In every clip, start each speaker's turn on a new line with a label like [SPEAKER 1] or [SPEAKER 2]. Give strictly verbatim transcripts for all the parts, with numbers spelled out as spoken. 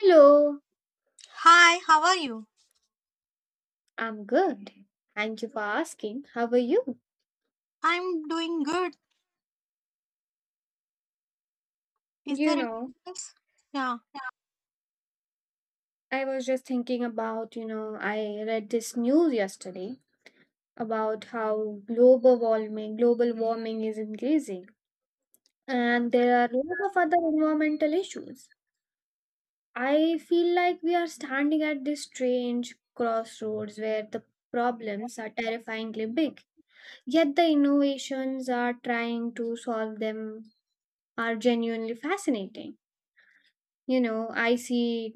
[SPEAKER 1] Hello,
[SPEAKER 2] Hi, how are you?
[SPEAKER 1] I'm good. Thank you for asking. How are you?
[SPEAKER 2] I'm doing good. Is
[SPEAKER 1] You
[SPEAKER 2] there any
[SPEAKER 1] know,
[SPEAKER 2] else? Yeah,
[SPEAKER 1] I was just thinking about, you know, I read this news yesterday about how global warming, global warming is increasing and there are lots of other environmental issues. I feel like we are standing at this strange crossroads where the problems are terrifyingly big, yet the innovations are trying to solve them are genuinely fascinating. you know I see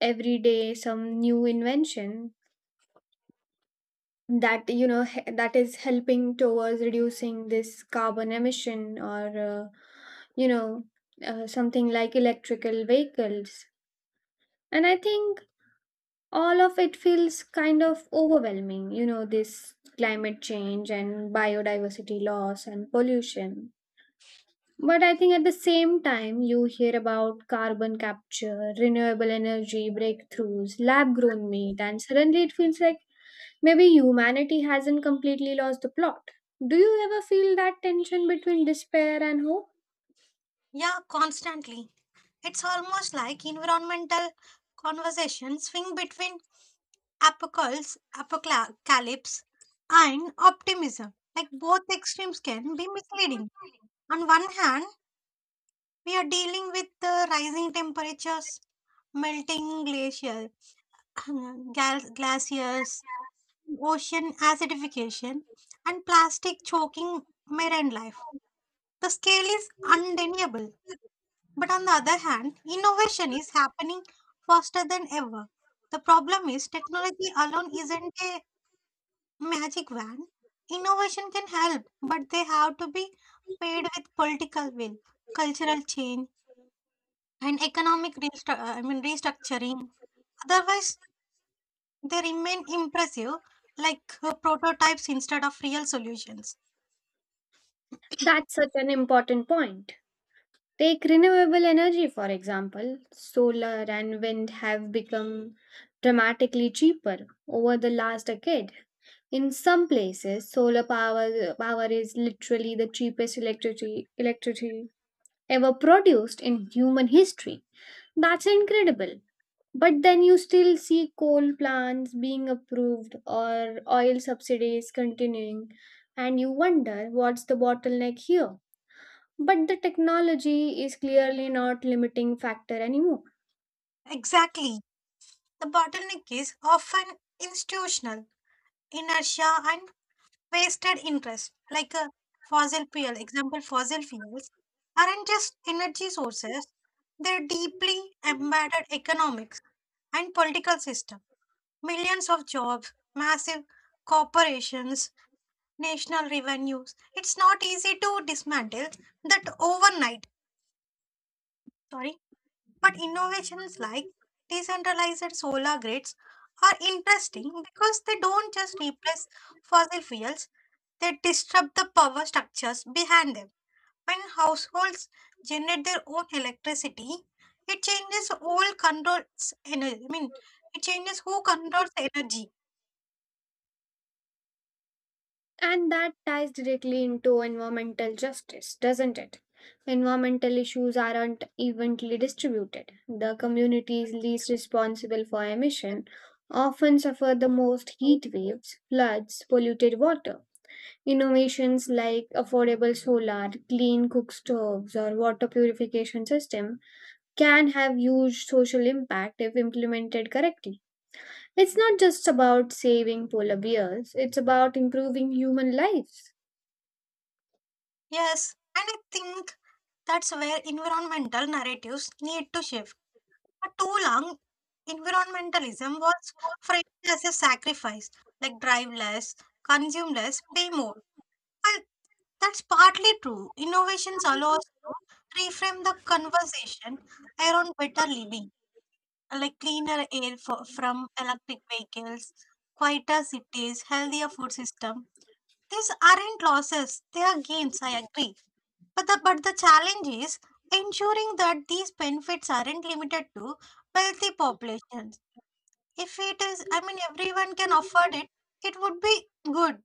[SPEAKER 1] every day some new invention that you know he- that is helping towards reducing this carbon emission or uh, you know uh, something like electrical vehicles, and I think all of it feels kind of overwhelming, you know this climate change and biodiversity loss and pollution. But I think at the same time, you hear about carbon capture, renewable energy breakthroughs, lab grown meat, and suddenly it feels like maybe humanity hasn't completely lost the plot. Do you ever feel that tension between despair and hope?
[SPEAKER 2] yeah, constantly. It's almost like environmental conversation swing between apocalypse, apocalypse and optimism. Like both extremes can be misleading. On one hand, we are dealing with the rising temperatures, melting glaciers, gal- glaciers, ocean acidification, and plastic choking marine life. The scale is undeniable, but on the other hand, innovation is happening faster than ever. The problem is technology alone isn't a magic wand. Innovation can help, but they have to be paired with political will, cultural change, and economic restru- uh, I mean restructuring. Otherwise, they remain impressive, like uh, prototypes instead of real solutions.
[SPEAKER 1] That's such an important point. Take renewable energy, for example. Solar and wind have become dramatically cheaper over the last decade. In some places, solar power power is literally the cheapest electricity electricity ever produced in human history. That's incredible. But then you still see coal plants being approved or oil subsidies continuing, and you wonder what's the bottleneck here. But the technology is clearly not limiting factor anymore.
[SPEAKER 2] Exactly. The bottleneck is often institutional inertia and wasted interest like a fossil fuel example fossil fuels aren't just energy sources. They're deeply embedded economics and political system, millions of jobs, massive corporations, national revenues. It's not easy to dismantle that overnight. Sorry. But innovations like decentralized solar grids are interesting because they don't just replace fossil fuels. They disrupt the power structures behind them. When households generate their own electricity, it changes all controls energy. I mean, it changes who controls energy.
[SPEAKER 1] And that ties directly into environmental justice, doesn't it? Environmental issues aren't evenly distributed. The communities least responsible for emission often suffer the most: heat waves, floods, polluted water. Innovations like affordable solar, clean cook stoves, or water purification system can have huge social impact if implemented correctly. It's not just about saving polar bears, it's about improving human lives.
[SPEAKER 2] Yes, and I think that's where environmental narratives need to shift. For too long, environmentalism was framed as a sacrifice, like drive less, consume less, pay more. While that's partly true. Innovations allow us to reframe the conversation around better living, like cleaner air for, from electric vehicles, quieter cities, healthier food system. These aren't losses; they are gains. I agree. But the but the challenge is ensuring that these benefits aren't limited to wealthy populations. If it is, I mean, everyone can afford it, it would be good.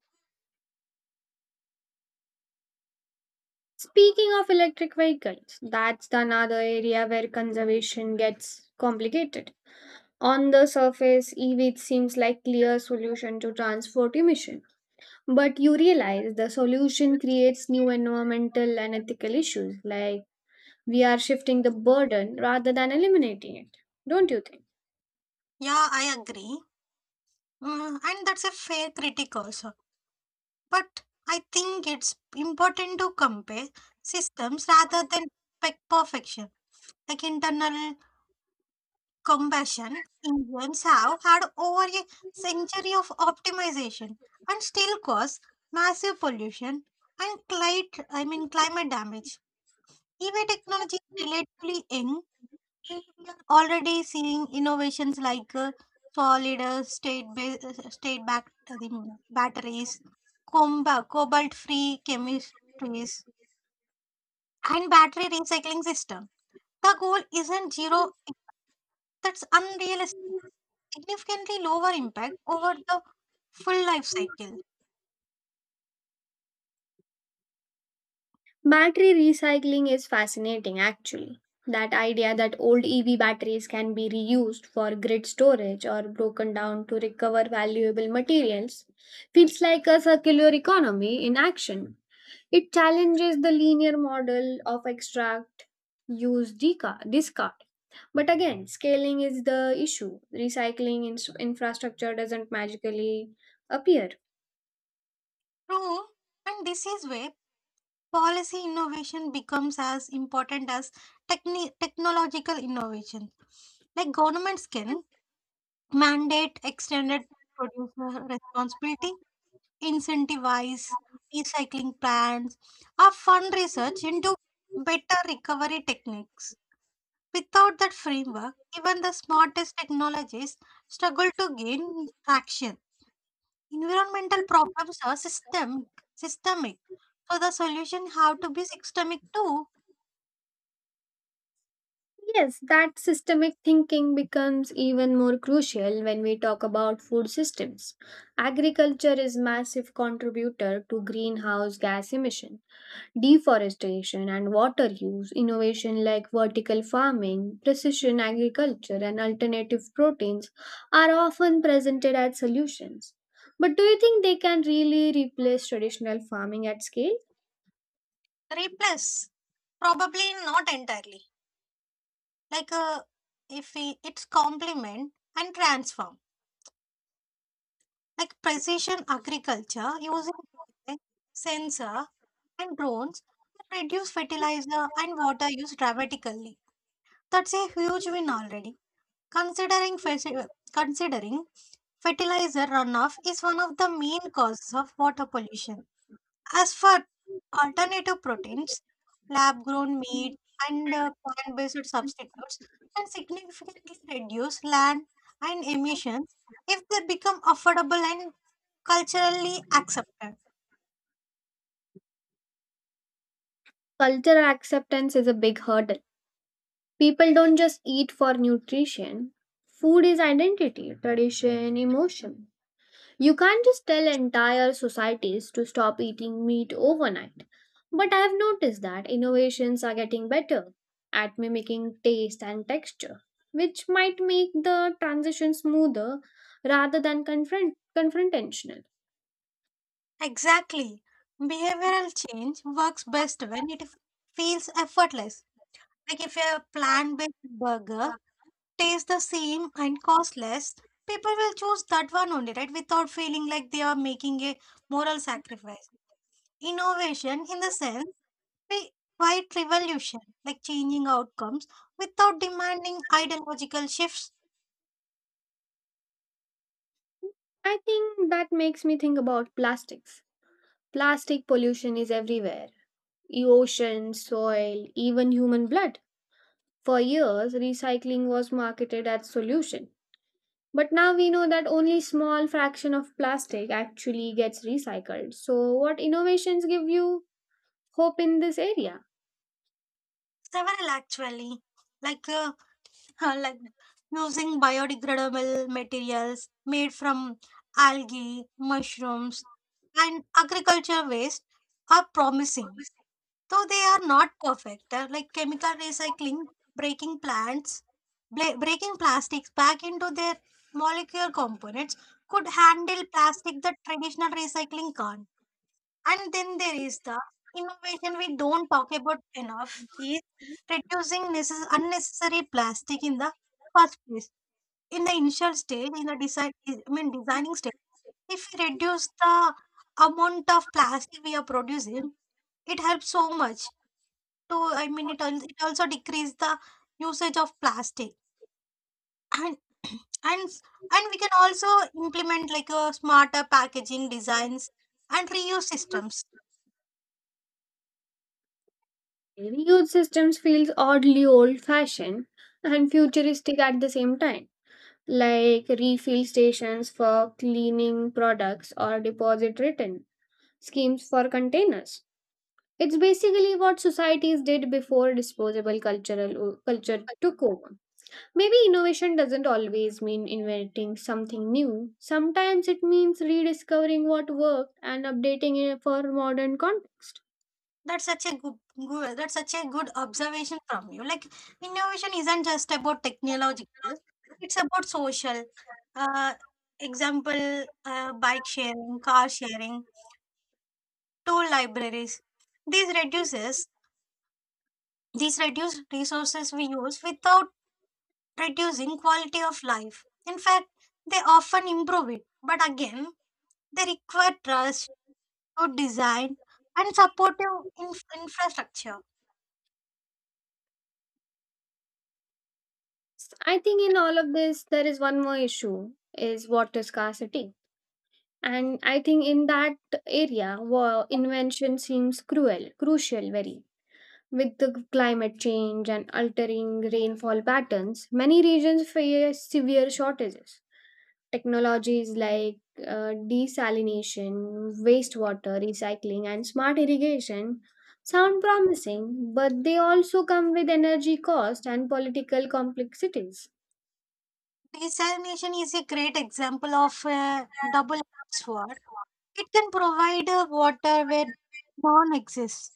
[SPEAKER 1] Speaking of electric vehicles, that's the another area where conservation gets complicated. On the surface, E V seems like clear solution to transport emission, but you realize the solution creates new environmental and ethical issues, like we are shifting the burden rather than eliminating it, don't you think?
[SPEAKER 2] Yeah, I agree. Mm, and that's a fair critic also. But I think it's important to compare systems rather than pe- perfection. Like internal combustion engines have had over a century of optimization and still cause massive pollution and climate, I mean climate damage. E V technology is relatively young and we are already seeing innovations like uh, solid uh, state ba- uh, state back the batteries, comba- cobalt free chemistries, and battery recycling system. The goal isn't zero; that's unrealistic. Significantly lower impact over the full life cycle.
[SPEAKER 1] Battery recycling is fascinating, actually. That idea that old E V batteries can be reused for grid storage or broken down to recover valuable materials feels like a circular economy in action. It challenges the linear model of extract, use, deca- discard. But again, scaling is the issue. Recycling in- infrastructure doesn't magically appear.
[SPEAKER 2] True, and this is where policy innovation becomes as important as techni- technological innovation. Like governments can mandate extended producer responsibility, incentivize recycling plans, or fund research into better recovery techniques. Without that framework, even the smartest technologies struggle to gain traction. Environmental problems are systemic, systemic. So the solution have to be systemic to
[SPEAKER 1] Yes, that systemic thinking becomes even more crucial when we talk about food systems. Agriculture is massive contributor to greenhouse gas emission, deforestation and water use. Innovation like vertical farming, precision agriculture and alternative proteins are often presented as solutions. But do you think they can really replace traditional farming at scale?
[SPEAKER 2] replace. Probably not entirely. Like uh, if we, it's complement and transform. Like precision agriculture using A I, sensor and drones can reduce fertilizer and water use dramatically. That's a huge win already. Considering ferti- considering fertilizer runoff is one of the main causes of water pollution. As for alternative proteins, lab grown meat and plant based substitutes can significantly reduce land and emissions if they become affordable and culturally accepted.
[SPEAKER 1] Cultural acceptance is a big hurdle. People don't just eat for nutrition. Food is identity, tradition, emotion. You can't just tell entire societies to stop eating meat overnight. But I have noticed that innovations are getting better at mimicking taste and texture, which might make the transition smoother rather than confront- confrontational.
[SPEAKER 2] Exactly. Behavioral change works best when it f- feels effortless. Like if a plant based burger tastes the same and costs less, people will choose that one only, right? Without feeling like they are making a moral sacrifice. Innovation, in the sense, we quite revolution, like changing outcomes without demanding ideological shifts.
[SPEAKER 1] I think that makes me think about plastics. Plastic pollution is everywhere: e- ocean, soil, even human blood. For years, recycling was marketed as solution, but now we know that only small fraction of plastic actually gets recycled. So what innovations give you hope in this area?
[SPEAKER 2] Several actually, like uh, Huh, like using biodegradable materials made from algae, mushrooms, and agriculture waste are promising, though they are not perfect. They like chemical recycling, breaking plants, bla- breaking plastics back into their molecular components could handle plastic that traditional recycling can't. And then there is the innovation we don't talk about enough is reducing necess- unnecessary plastic in the first place. In the initial stage, in the design, I mean designing stage, if we reduce the amount of plastic we are producing, it helps so much. To I mean, it al- it also decrease the usage of plastic, and and and we can also implement like a smarter packaging designs and reuse systems.
[SPEAKER 1] Reuse systems feels oddly old-fashioned and futuristic at the same time, like refill stations for cleaning products or deposit return schemes for containers. It's basically what societies did before disposable cultural culture took over. Maybe innovation doesn't always mean inventing something new. Sometimes it means rediscovering what worked and updating it for modern context.
[SPEAKER 2] That's such a good, good that's such a good observation from you. Like innovation isn't just about technological; it's about social. Uh, Example, uh, bike sharing, car sharing, tool libraries. These reduces these reduce resources we use without reducing quality of life. In fact, they often improve it. But again, they require trust, good design, and supportive inf- infrastructure.
[SPEAKER 1] I think in all of this there is one more issue, is water scarcity. And I think in that area wa- invention seems cruel, crucial very. With the climate change and altering rainfall patterns, many regions face severe shortages. Technologies like uh, desalination, wastewater recycling, and smart irrigation sound promising, but they also come with energy cost and political complexities.
[SPEAKER 2] Desalination is a great example of a double sword. It can provide uh, water where none exists,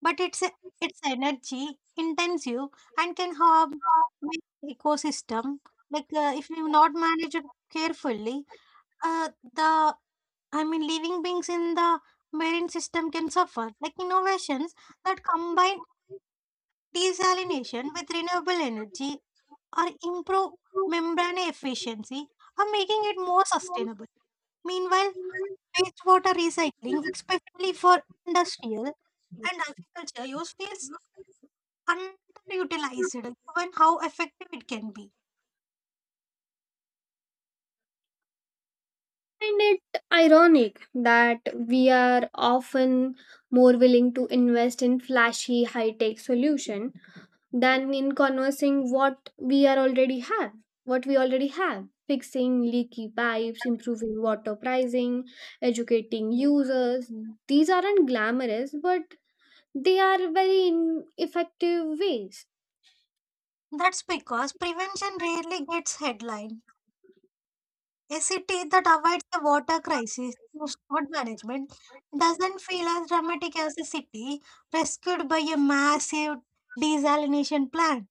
[SPEAKER 2] but it's it's energy intensive and can harm many ecosystem. Like uh, if you not manage it carefully, uh, the I mean living beings in the marine system can suffer. Like innovations that combine desalination with renewable energy or improve membrane efficiency or making it more sustainable. Meanwhile, wastewater recycling, especially for industrial and agriculture use, feels underutilized given how effective it can be.
[SPEAKER 1] Find it ironic that we are often more willing to invest in flashy high-tech solution than in conversing what we are already have what we already have: fixing leaky pipes, improving water pricing, educating users. These aren't glamorous, but they are very in- effective ways.
[SPEAKER 2] That's because prevention rarely gets headline. A city that avoids the water crisis through smart management doesn't feel as dramatic as a city rescued by a massive desalination plant.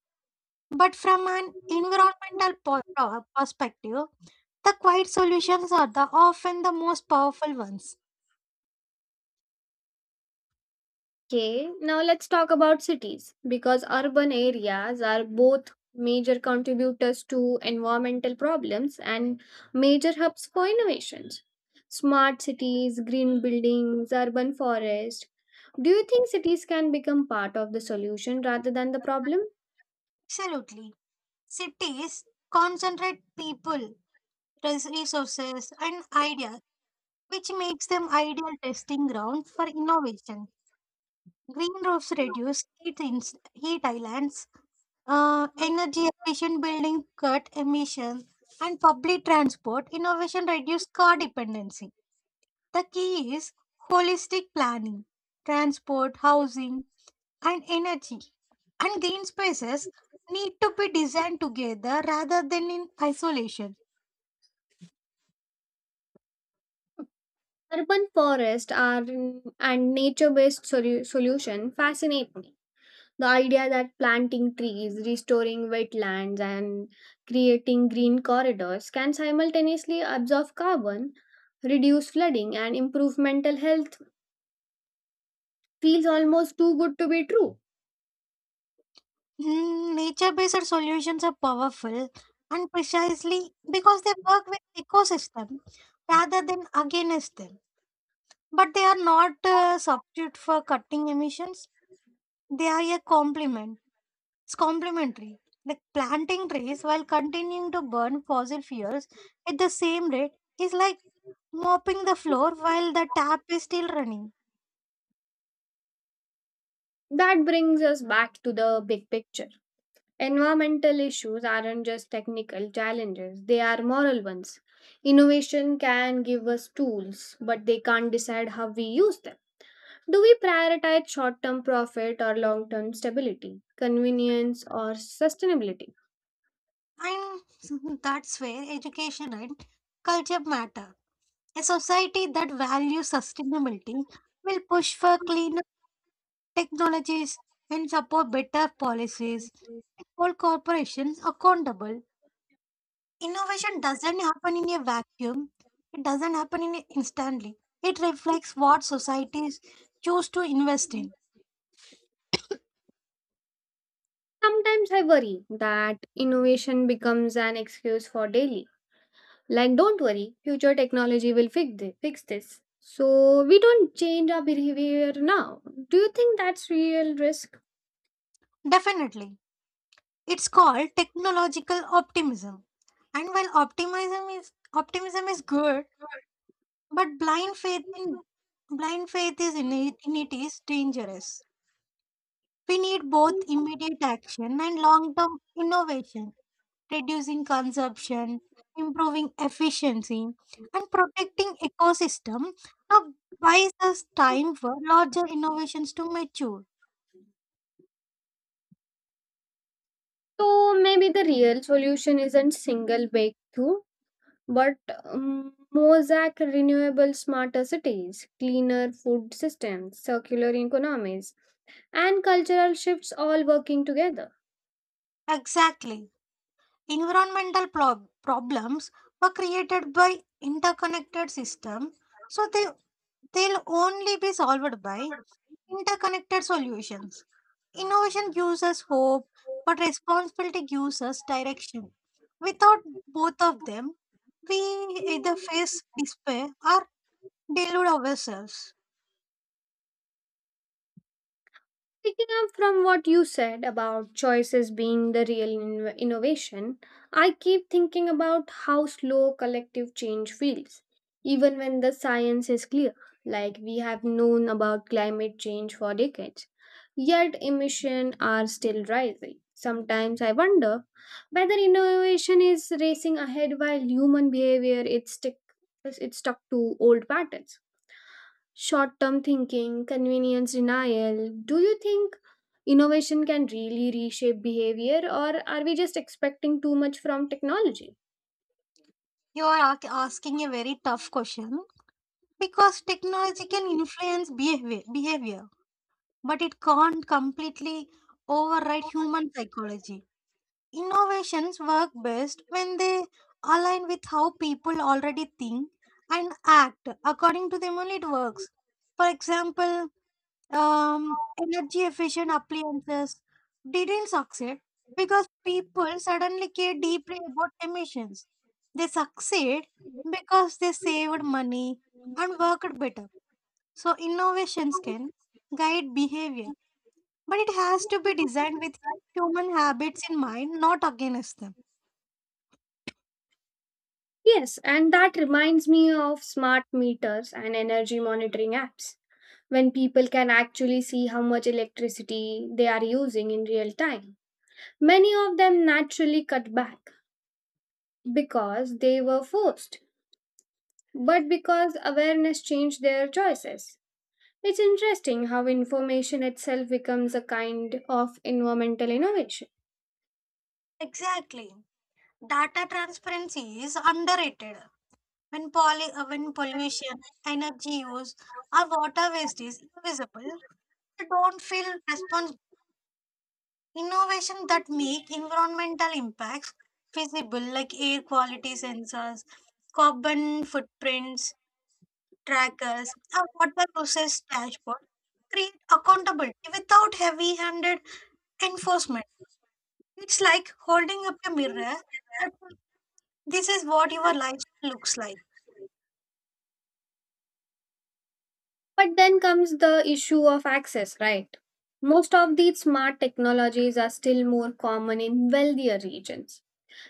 [SPEAKER 2] But from an environmental po- pro- perspective, the quiet solutions are the often the most powerful ones.
[SPEAKER 1] Okay, now let's talk about cities, because urban areas are both major contributors to environmental problems and major hubs for innovations: smart cities, green buildings, urban forests. Do you think cities can become part of the solution rather than the problem?
[SPEAKER 2] Absolutely. Cities concentrate people, res- resources, and ideas, which makes them ideal testing ground for innovation. Green roofs reduce heat, ins- heat islands, uh, energy efficient building cut emissions, and public transport innovation reduce car dependency. The key is holistic planning, transport, housing, and energy. And green spaces need to be designed together rather than in isolation.
[SPEAKER 1] Urban forests are and nature-based solu- solution fascinate me. The idea that planting trees, restoring wetlands, and creating green corridors can simultaneously absorb carbon, reduce flooding, and improve mental health feels almost too good to be true.
[SPEAKER 2] Mm, nature based solutions are powerful and precisely because they work with ecosystem rather than against them. But they are not a substitute for cutting emissions, they are a complement. It's complementary. Like planting trees while continuing to burn fossil fuels at the same rate is like mopping the floor while the tap is still running.
[SPEAKER 1] That brings us back to the big picture. Environmental issues aren't just technical challenges, they are moral ones. Innovation can give us tools, but they can't decide how we use them. Do we prioritize short term profit or long term stability, convenience or sustainability?
[SPEAKER 2] And that's where education and culture matter. A society that values sustainability will push for cleaner technologies and support better policies and hold corporations accountable. Innovation doesn't happen in a vacuum. It doesn't happen in instantly. It reflects what societies choose to invest in.
[SPEAKER 1] Sometimes I worry that innovation becomes an excuse for daily. Like, don't worry, future technology will fix this. Fix this. So, we don't change our behavior now. Do you think that's real risk?
[SPEAKER 2] Definitely. It's called technological optimism. And while optimism is optimism is good, but blind faith in blind faith is in it, in it is dangerous. We need both immediate action and long-term innovation. Reducing consumption, improving efficiency, and protecting ecosystem now buys us time for larger innovations to mature.
[SPEAKER 1] So maybe the real solution isn't single breakthrough, but um, mosaic renewable smarter cities, cleaner food systems, circular economies, and cultural shifts all working together.
[SPEAKER 2] Exactly. Environmental prob- problems were created by interconnected systems, so they, they'll only be solved by interconnected solutions. Innovation gives us hope, but responsibility gives us direction. Without both of them, we either face despair or delude ourselves.
[SPEAKER 1] Picking up from what you said about choices being the real inno- innovation, I keep thinking about how slow collective change feels, even when the science is clear, like we have known about climate change for decades. Yet emissions are still rising. Sometimes I wonder whether innovation is racing ahead while human behavior is stick it's stuck to old patterns. Short-term thinking, convenience, denial. Do you think innovation can really reshape behavior or are we just expecting too much from technology?
[SPEAKER 2] You are ac- asking a very tough question because technology can influence behavior, behavior but it can't completely override human psychology. Innovations work best when they align with how people already think and act. According to them, only it works. For example, um, energy efficient appliances didn't succeed because people suddenly care deeply about emissions. They succeed because they saved money and worked better. So, innovations can guide behavior, but it has to be designed with human habits in mind, not against them.
[SPEAKER 1] Yes, and that reminds me of smart meters and energy monitoring apps. When people can actually see how much electricity they are using in real time, many of them naturally cut back because they were forced, but because awareness changed their choices. It's interesting how information itself becomes a kind of environmental innovation.
[SPEAKER 2] Exactly. Data transparency is underrated. When, poly, uh, when pollution, energy use, or water waste is invisible, we don't feel responsible. Innovation that make environmental impacts visible, like air quality sensors, carbon footprints, trackers, or water process dashboard, create accountability without heavy-handed enforcement. It's like holding up a mirror that this is what your life looks like.
[SPEAKER 1] But then comes the issue of access, right? Most of these smart technologies are still more common in wealthier regions.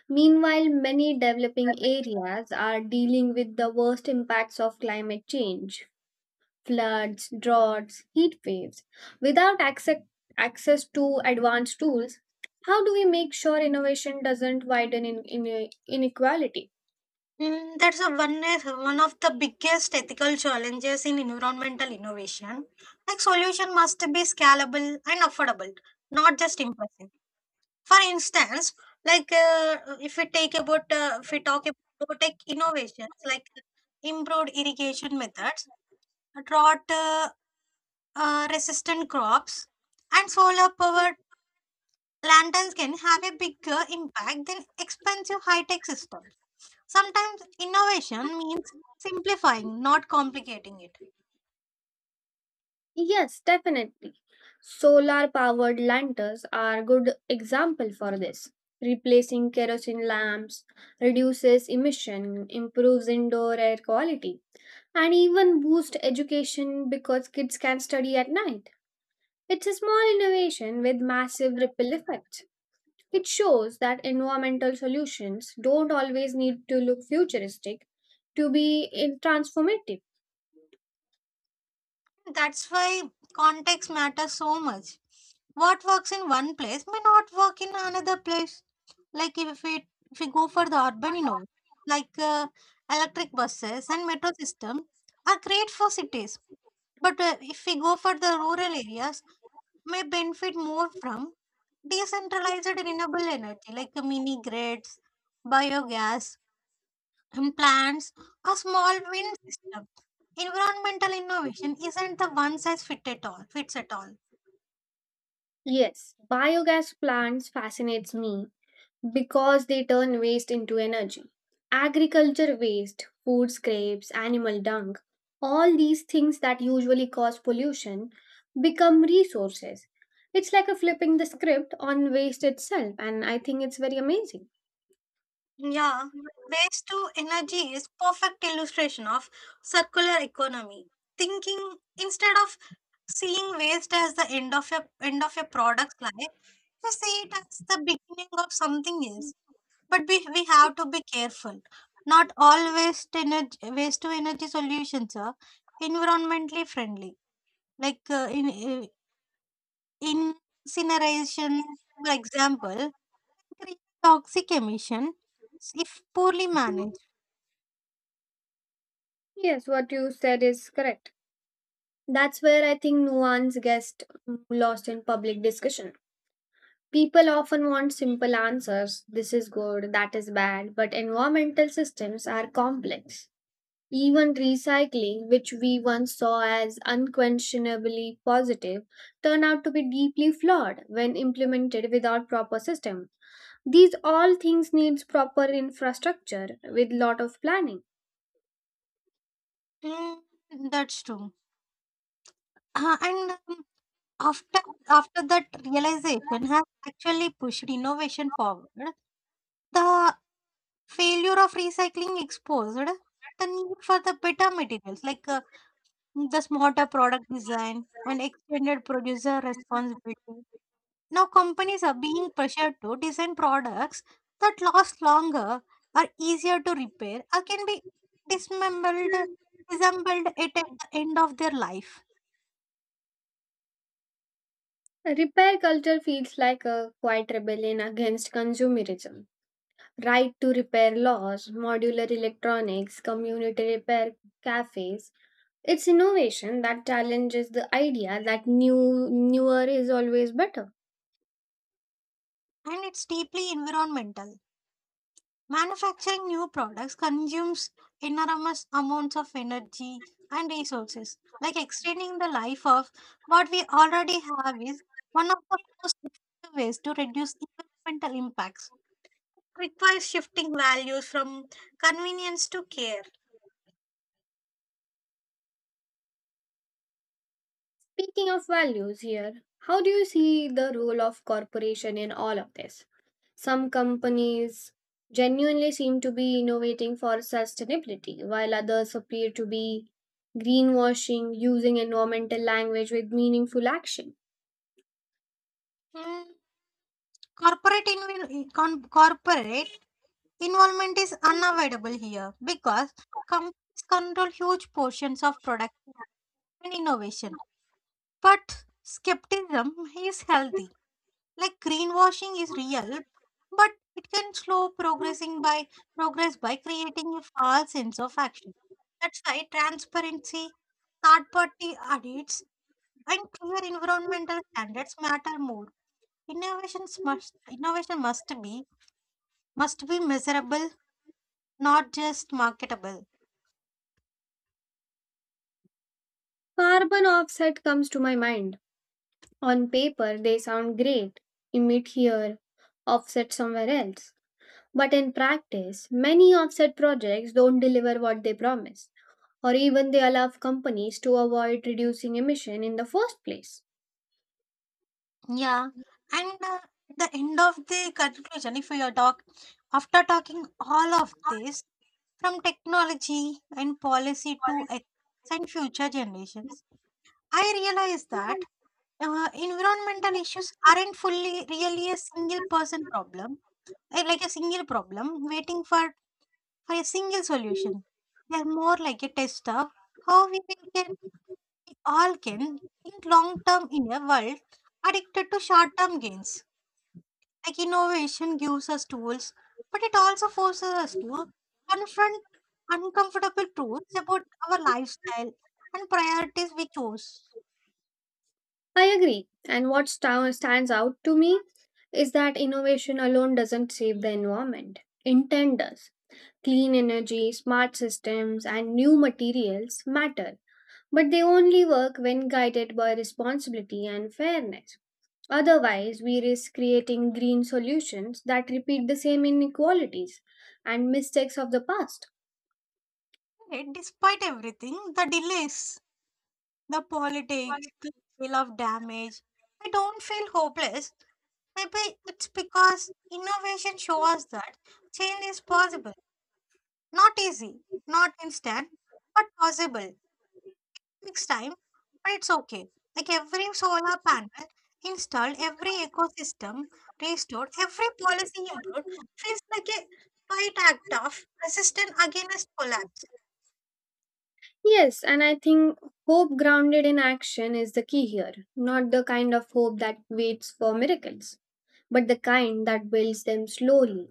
[SPEAKER 1] Meanwhile, many developing areas are dealing with the worst impacts of climate change: floods, droughts, heat waves. Without access, access to advanced tools, how do we make sure innovation doesn't widen in, in- inequality?
[SPEAKER 2] Mm, that's a one, one of the biggest ethical challenges in environmental innovation. Like solution must be scalable and affordable, not just impressive. For instance, like uh, if we take about uh, if we talk about tech innovations like improved irrigation methods, drought uh, uh, resistant crops, and solar powered lanterns can have a bigger impact than expensive high tech systems. Sometimes innovation means simplifying, not complicating it.
[SPEAKER 1] Yes, definitely. Solar powered lanterns are a good example for this. Replacing kerosene lamps reduces emission, improves indoor air quality, and even boosts education because kids can study at night. It's a small innovation with massive ripple effects. It shows that environmental solutions don't always need to look futuristic to be in- transformative.
[SPEAKER 2] That's why context matters so much. What works in one place may not work in another place. Like if we if we go for the urban innovation, like uh, electric buses and metro system are great for cities, but uh, if we go for the rural areas, may benefit more from decentralized renewable energy like uh, mini grids, biogas, and plants a small wind system. Environmental innovation isn't the one size fit at all fits at all.
[SPEAKER 1] Yes, biogas plants fascinates me because they turn waste into energy. Agriculture waste, food scraps, animal dung, all these things that usually cause pollution become resources. It's like a flipping the script on waste itself, and I think it's very amazing.
[SPEAKER 2] Yeah. Waste to energy is perfect illustration of circular economy. Thinking instead of seeing waste as the end of a end of a product's life, we see it as the beginning of something else. But we, we have to be careful. Not all waste energy waste to energy solutions are environmentally friendly like uh, in, incineration, for example, can create toxic emission if poorly managed.
[SPEAKER 1] Yes, what you said is correct. That's where I think nuance gets lost in public discussion. People often want simple answers: this is good, that is bad, but environmental systems are complex. Even recycling, which we once saw as unquestionably positive, turn out to be deeply flawed when implemented without proper system. These all things needs proper infrastructure with lot of planning.
[SPEAKER 2] Mm, that's true. Uh, and um, after After that realization has actually pushed innovation forward. The failure of recycling exposed the need for the better materials like uh, the smarter product design and extended producer responsibility. Now, companies are being pressured to design products that last longer, are easier to repair, or can be dismembered, disassembled at at the end of their life.
[SPEAKER 1] Repair culture feels like a quiet rebellion against consumerism. Right to repair laws, modular electronics, community repair cafes. It's innovation that challenges the idea that new newer is always better.
[SPEAKER 2] And it's deeply environmental. Manufacturing new products consumes enormous amounts of energy and resources. Like extending the life of what we already have is one of the most effective ways to reduce environmental impacts. Requires shifting values from convenience to care.
[SPEAKER 1] Speaking of values here, how do you see the role of corporation in all of this? Some companies genuinely seem to be innovating for sustainability, while others appear to be greenwashing, using environmental language with meaningful action.
[SPEAKER 2] Mm, corporate inv- con- Corporate involvement is unavoidable here because companies control huge portions of production and innovation. But skepticism is healthy. Like greenwashing is real, but it can slow progressing by progress by creating a false sense of action. That's why transparency, third party audits, and clear environmental standards matter more. Innovations must innovation must be must be measurable, not just marketable.
[SPEAKER 1] Carbon offset comes to my mind. On paper, they sound great: emit here, offset somewhere else. But in practice, many offset projects don't deliver what they promise, or even they allow companies to avoid reducing emission in the first place.
[SPEAKER 2] Yeah, and uh, at the end of the conclusion, if we are talk after talking all of this from technology and policy to ethics and future generations, I realize that uh, environmental issues aren't fully really a single person problem, eh, like a single problem waiting for for a single solution. They are more like a test of how we will can we all can think long term in a world addicted to short term gains. Like innovation gives us tools, but it also forces us to confront uncomfortable truths about our lifestyle and priorities we chose.
[SPEAKER 1] I agree. And what sta- stands out to me is that innovation alone doesn't save the environment. Intent does. Clean energy, smart systems, and new materials matter, but they only work when guided by responsibility and fairness. Otherwise, we risk creating green solutions that repeat the same inequalities and mistakes of the past.
[SPEAKER 2] Yet, despite everything, the delays, the politics, the feel of damage, I don't feel hopeless. Maybe it's because innovation shows that change is possible. Not easy, not instant, but possible. Next time, but it's okay. Like every solar panel installed, every ecosystem restored, every policy improved feels like a quiet act of resistance against collapse.
[SPEAKER 1] Yes, and I think hope grounded in action is the key here. Not the kind of hope that waits for miracles, but the kind that builds them slowly.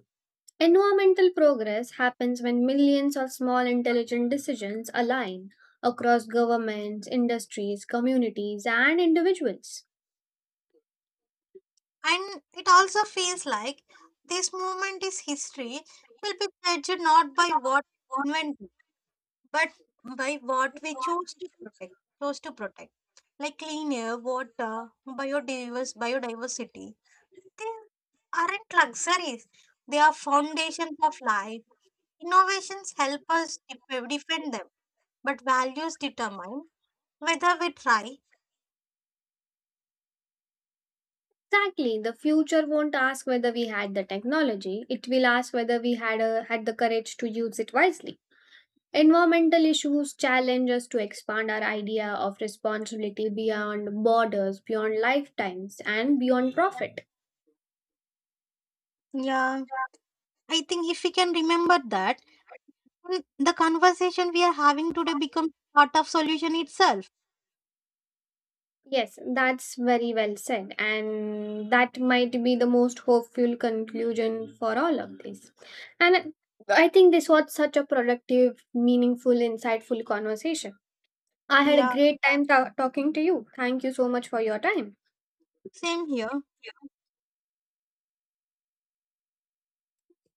[SPEAKER 1] Environmental progress happens when millions of small intelligent decisions align across governments, industries, communities, and individuals.
[SPEAKER 2] And it also feels like this movement is history will be judged not by what invented, but by what we choose to protect, chose to protect, like clean air, water, biodiverse, biodiversity, they aren't luxuries. They are foundations of life. Innovations help us def- defend them, but values determine whether we try.
[SPEAKER 1] Exactly, the future won't ask whether we had the technology, it will ask whether we had, a, had the courage to use it wisely. Environmental issues challenge us to expand our idea of responsibility beyond borders, beyond lifetimes, and beyond profit.
[SPEAKER 2] Yeah, I think if we can remember that, then the conversation we are having today becomes part of solution itself.
[SPEAKER 1] Yes, that's very well said, and that might be the most hopeful conclusion for all of this. And I think this was such a productive, meaningful, insightful conversation. I had a
[SPEAKER 2] Yeah,
[SPEAKER 1] great time ta- talking to you. Thank you so much for your time.
[SPEAKER 2] same here.